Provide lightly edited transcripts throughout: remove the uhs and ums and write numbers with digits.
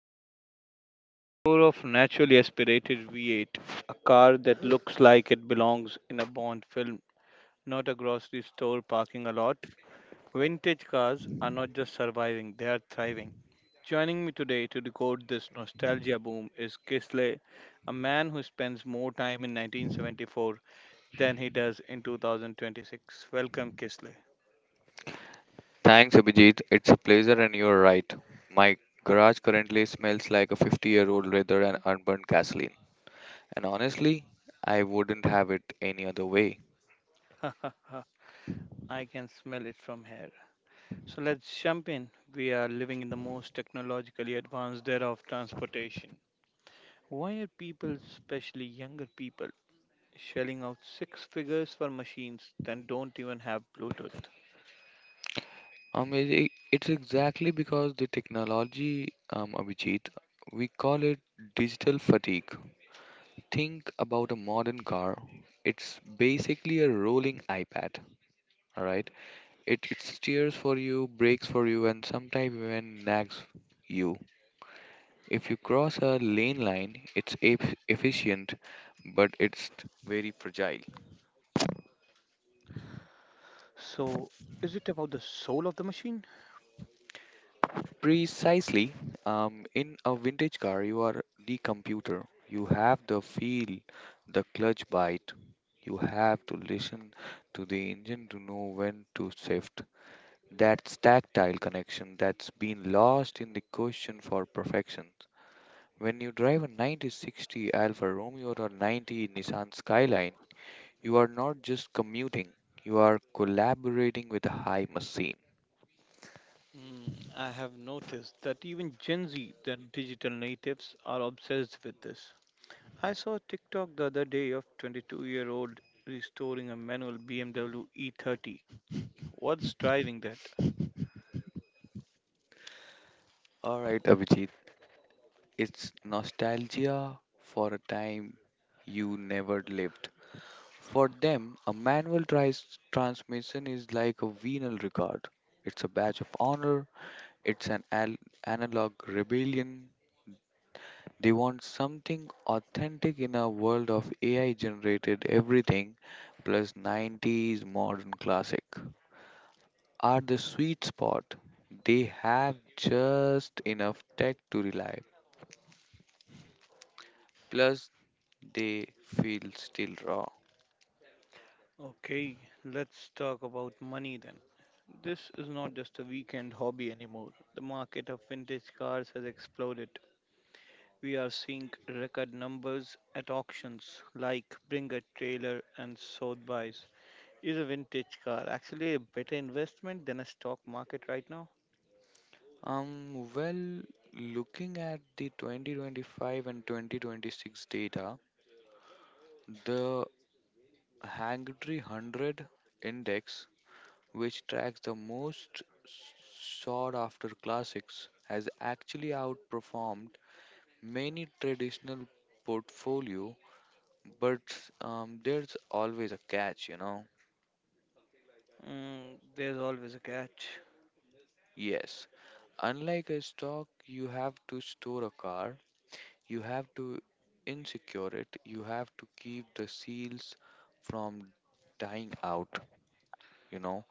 chrome. A roar of naturally aspirated V8, a car that looks like it belongs in a Bond film, not a grocery store parking a lot. Vintage cars are not just surviving, they are thriving. Joining me today to decode this nostalgia boom is Kisle, a man who spends more time in 1974 than he does in 2026. Welcome, Kisle. Thanks, Abhijit. It's a pleasure, and you're right. My garage currently smells like a 50-year-old leather and unburned gasoline. And honestly, I wouldn't have it any other way. Uh, I can smell it from here. So let's jump in. We are living in the most technologically advanced era of transportation. Why are people, especially younger people, shelling out 6 figures for machines that don't even have Bluetooth? It's exactly because the technology, Abhijit, we call it digital fatigue. Think about a modern car. It's basically a rolling iPad, alright? It steers for you, brakes for you, and sometimes even nags you. If you cross a lane line, it's efficient, but it's very fragile. So, is it about the soul of the machine? Precisely, in a vintage car, you are the computer. You have the feel, the clutch bite. You have to listen to the engine to know when to shift. That's tactile connection that's been lost in the question for perfection. When you drive a 9060 Alfa Romeo or 90 Nissan Skyline, you are not just commuting, you are collaborating with a high machine. Mm, I have noticed that even Gen Z, the digital natives, are obsessed with this. I saw a TikTok the other day of 22-year-old restoring a manual BMW E30. What's driving that? Alright, Abhijit, it's nostalgia for a time you never lived. For them, a manual transmission is like a venal record. It's a badge of honor, it's an analog rebellion. They want something authentic in a world of AI generated everything plus 90s modern classic. Are the sweet spot. They have just enough tech to rely, plus they feel still raw. Okay, let's talk about money then. This is not just a weekend hobby anymore. The market of vintage cars has exploded. We are seeing record numbers at auctions like Bring a Trailer and Sotheby's. Is a vintage car actually a better investment than a stock market right now? Well, looking at the 2025 and 2026 data, the Hangtree 100 index, which tracks the most sought after classics, has actually outperformed many traditional portfolio. But there's always a catch, you know. Mm, there's always a catch. Yes, unlike a stock, you have to store a car, you have to insecure it, you have to keep the seals from dying out, you know.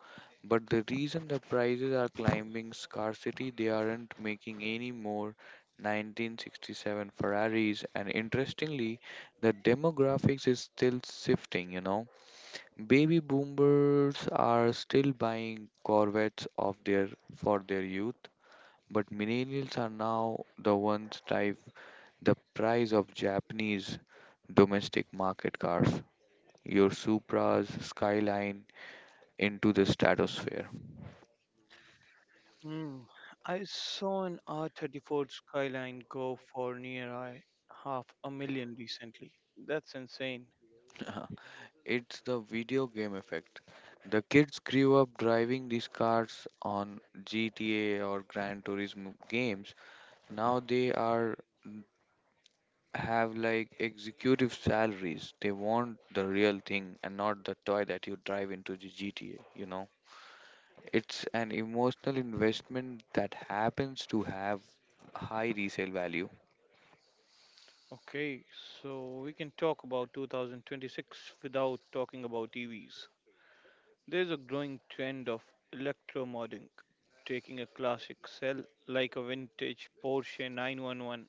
But the reason the prices are climbing scarcity, they aren't making any more 1967 Ferraris, and interestingly, the demographics is still shifting, you know. Baby boomers are still buying Corvettes of their for their youth, but millennials are now the ones drive the price of Japanese domestic market cars, your Supras, Skyline into the stratosphere. Mm, I saw an R34 Skyline go for near half a million recently. That's insane. It's the video game effect. The kids grew up driving these cars on GTA or Gran Turismo games. Now they are have like executive salaries. They want the real thing and not the toy that you drive into the GTA, you know. It's an emotional investment that happens to have high resale value. Okay, so we can talk about 2026 without talking about EVs. There is a growing trend of electromodding, taking a classic cell like a vintage Porsche 911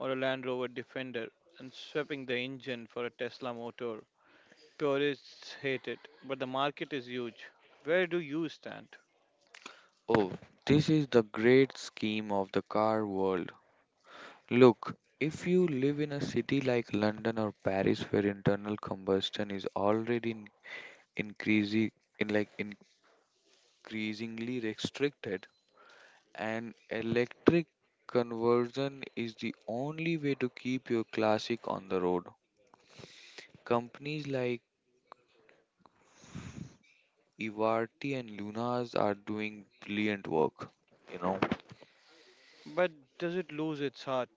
or a Land Rover Defender, and swapping the engine for a Tesla motor. Purists hate it, but the market is huge. Where do you stand? Oh, this is the great scheme of the car world. Look, if you live in a city like London or Paris where internal combustion is already in increasing in like increasingly restricted, an electric conversion is the only way to keep your classic on the road. Companies like Ivarti and Lunas are doing brilliant work, you know. But does it lose its heart?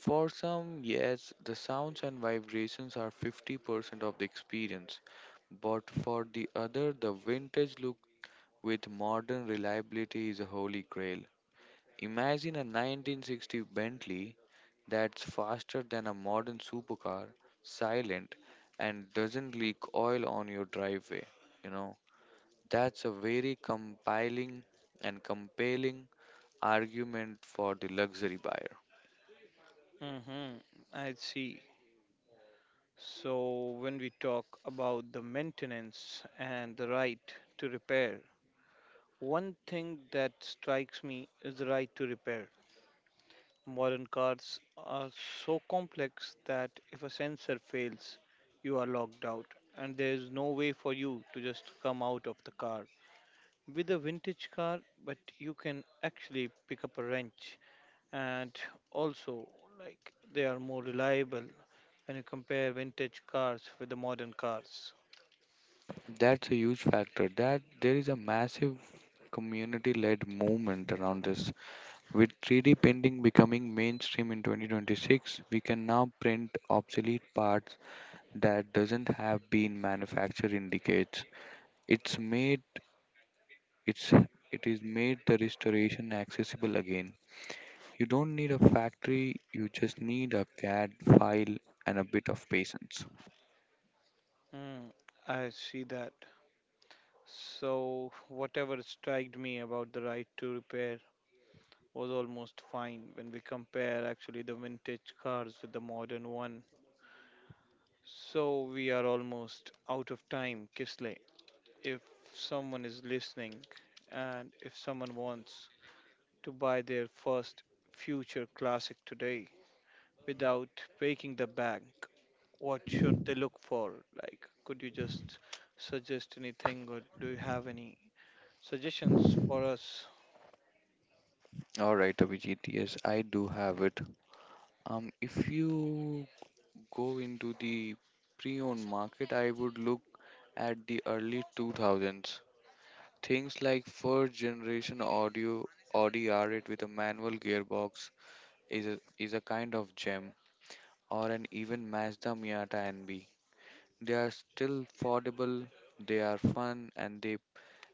For some, yes, the sounds and vibrations are 50% of the experience, but for the other, the vintage look with modern reliability is a holy grail. Imagine a 1960 Bentley that's faster than a modern supercar, silent, and doesn't leak oil on your driveway. You know, that's a very compelling argument for the luxury buyer. Mm-hmm, I see. So, when we talk about the maintenance and the right to repair, one thing that strikes me is the right to repair. Modern cars are so complex that if a sensor fails, you are locked out, and there is no way for you to just come out of the car. With a vintage car, but you can actually pick up a wrench, and also, like, they are more reliable when you compare vintage cars with the modern cars. That's a huge factor. That there is a massive community-led movement around this. With 3D printing becoming mainstream in 2026, we can now print obsolete parts that doesn't have been manufactured in decades. It's made it's it is made the restoration accessible again. You don't need a factory, you just need a CAD file and a bit of patience. Hmm, I see that. So, whatever striked me about the right to repair was almost fine when we compare actually the vintage cars with the modern one. So we are almost out of time, Kisley. If someone is listening and if someone wants to buy their first future classic today without breaking the bank, what should they look for? Like, could you just suggest anything, or do you have any suggestions for us? Alright, Abhijit, yes, I do have it. If you go into the pre-owned market, I would look at the early 2000s. Things like first generation Audi R8 with a manual gearbox, is a kind of gem or an even Mazda Miata NB. They are still affordable, they are fun, and they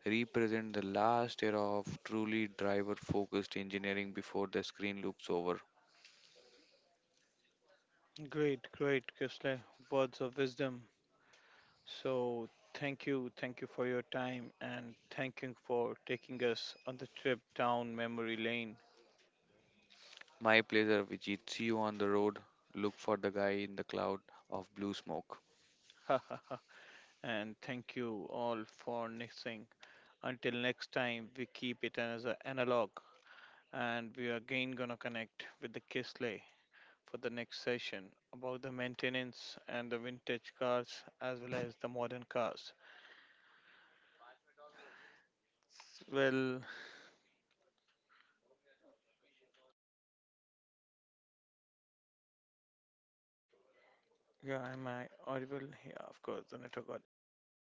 represent the last era of truly driver focused engineering before the screen looks over. Great, great, Kisley. Words of wisdom. So, thank you for your time, and thank you for taking us on the trip down memory lane. My pleasure, Vijit. See you on the road. Look for the guy in the cloud of blue smoke. And thank you all for listening. Until next time, we keep it as an analog, and we are again gonna connect with the Kisley for the next session about the maintenance and the vintage cars as well as the modern cars. Well, yeah, am I audible? Yeah, of course, the network got disconnected.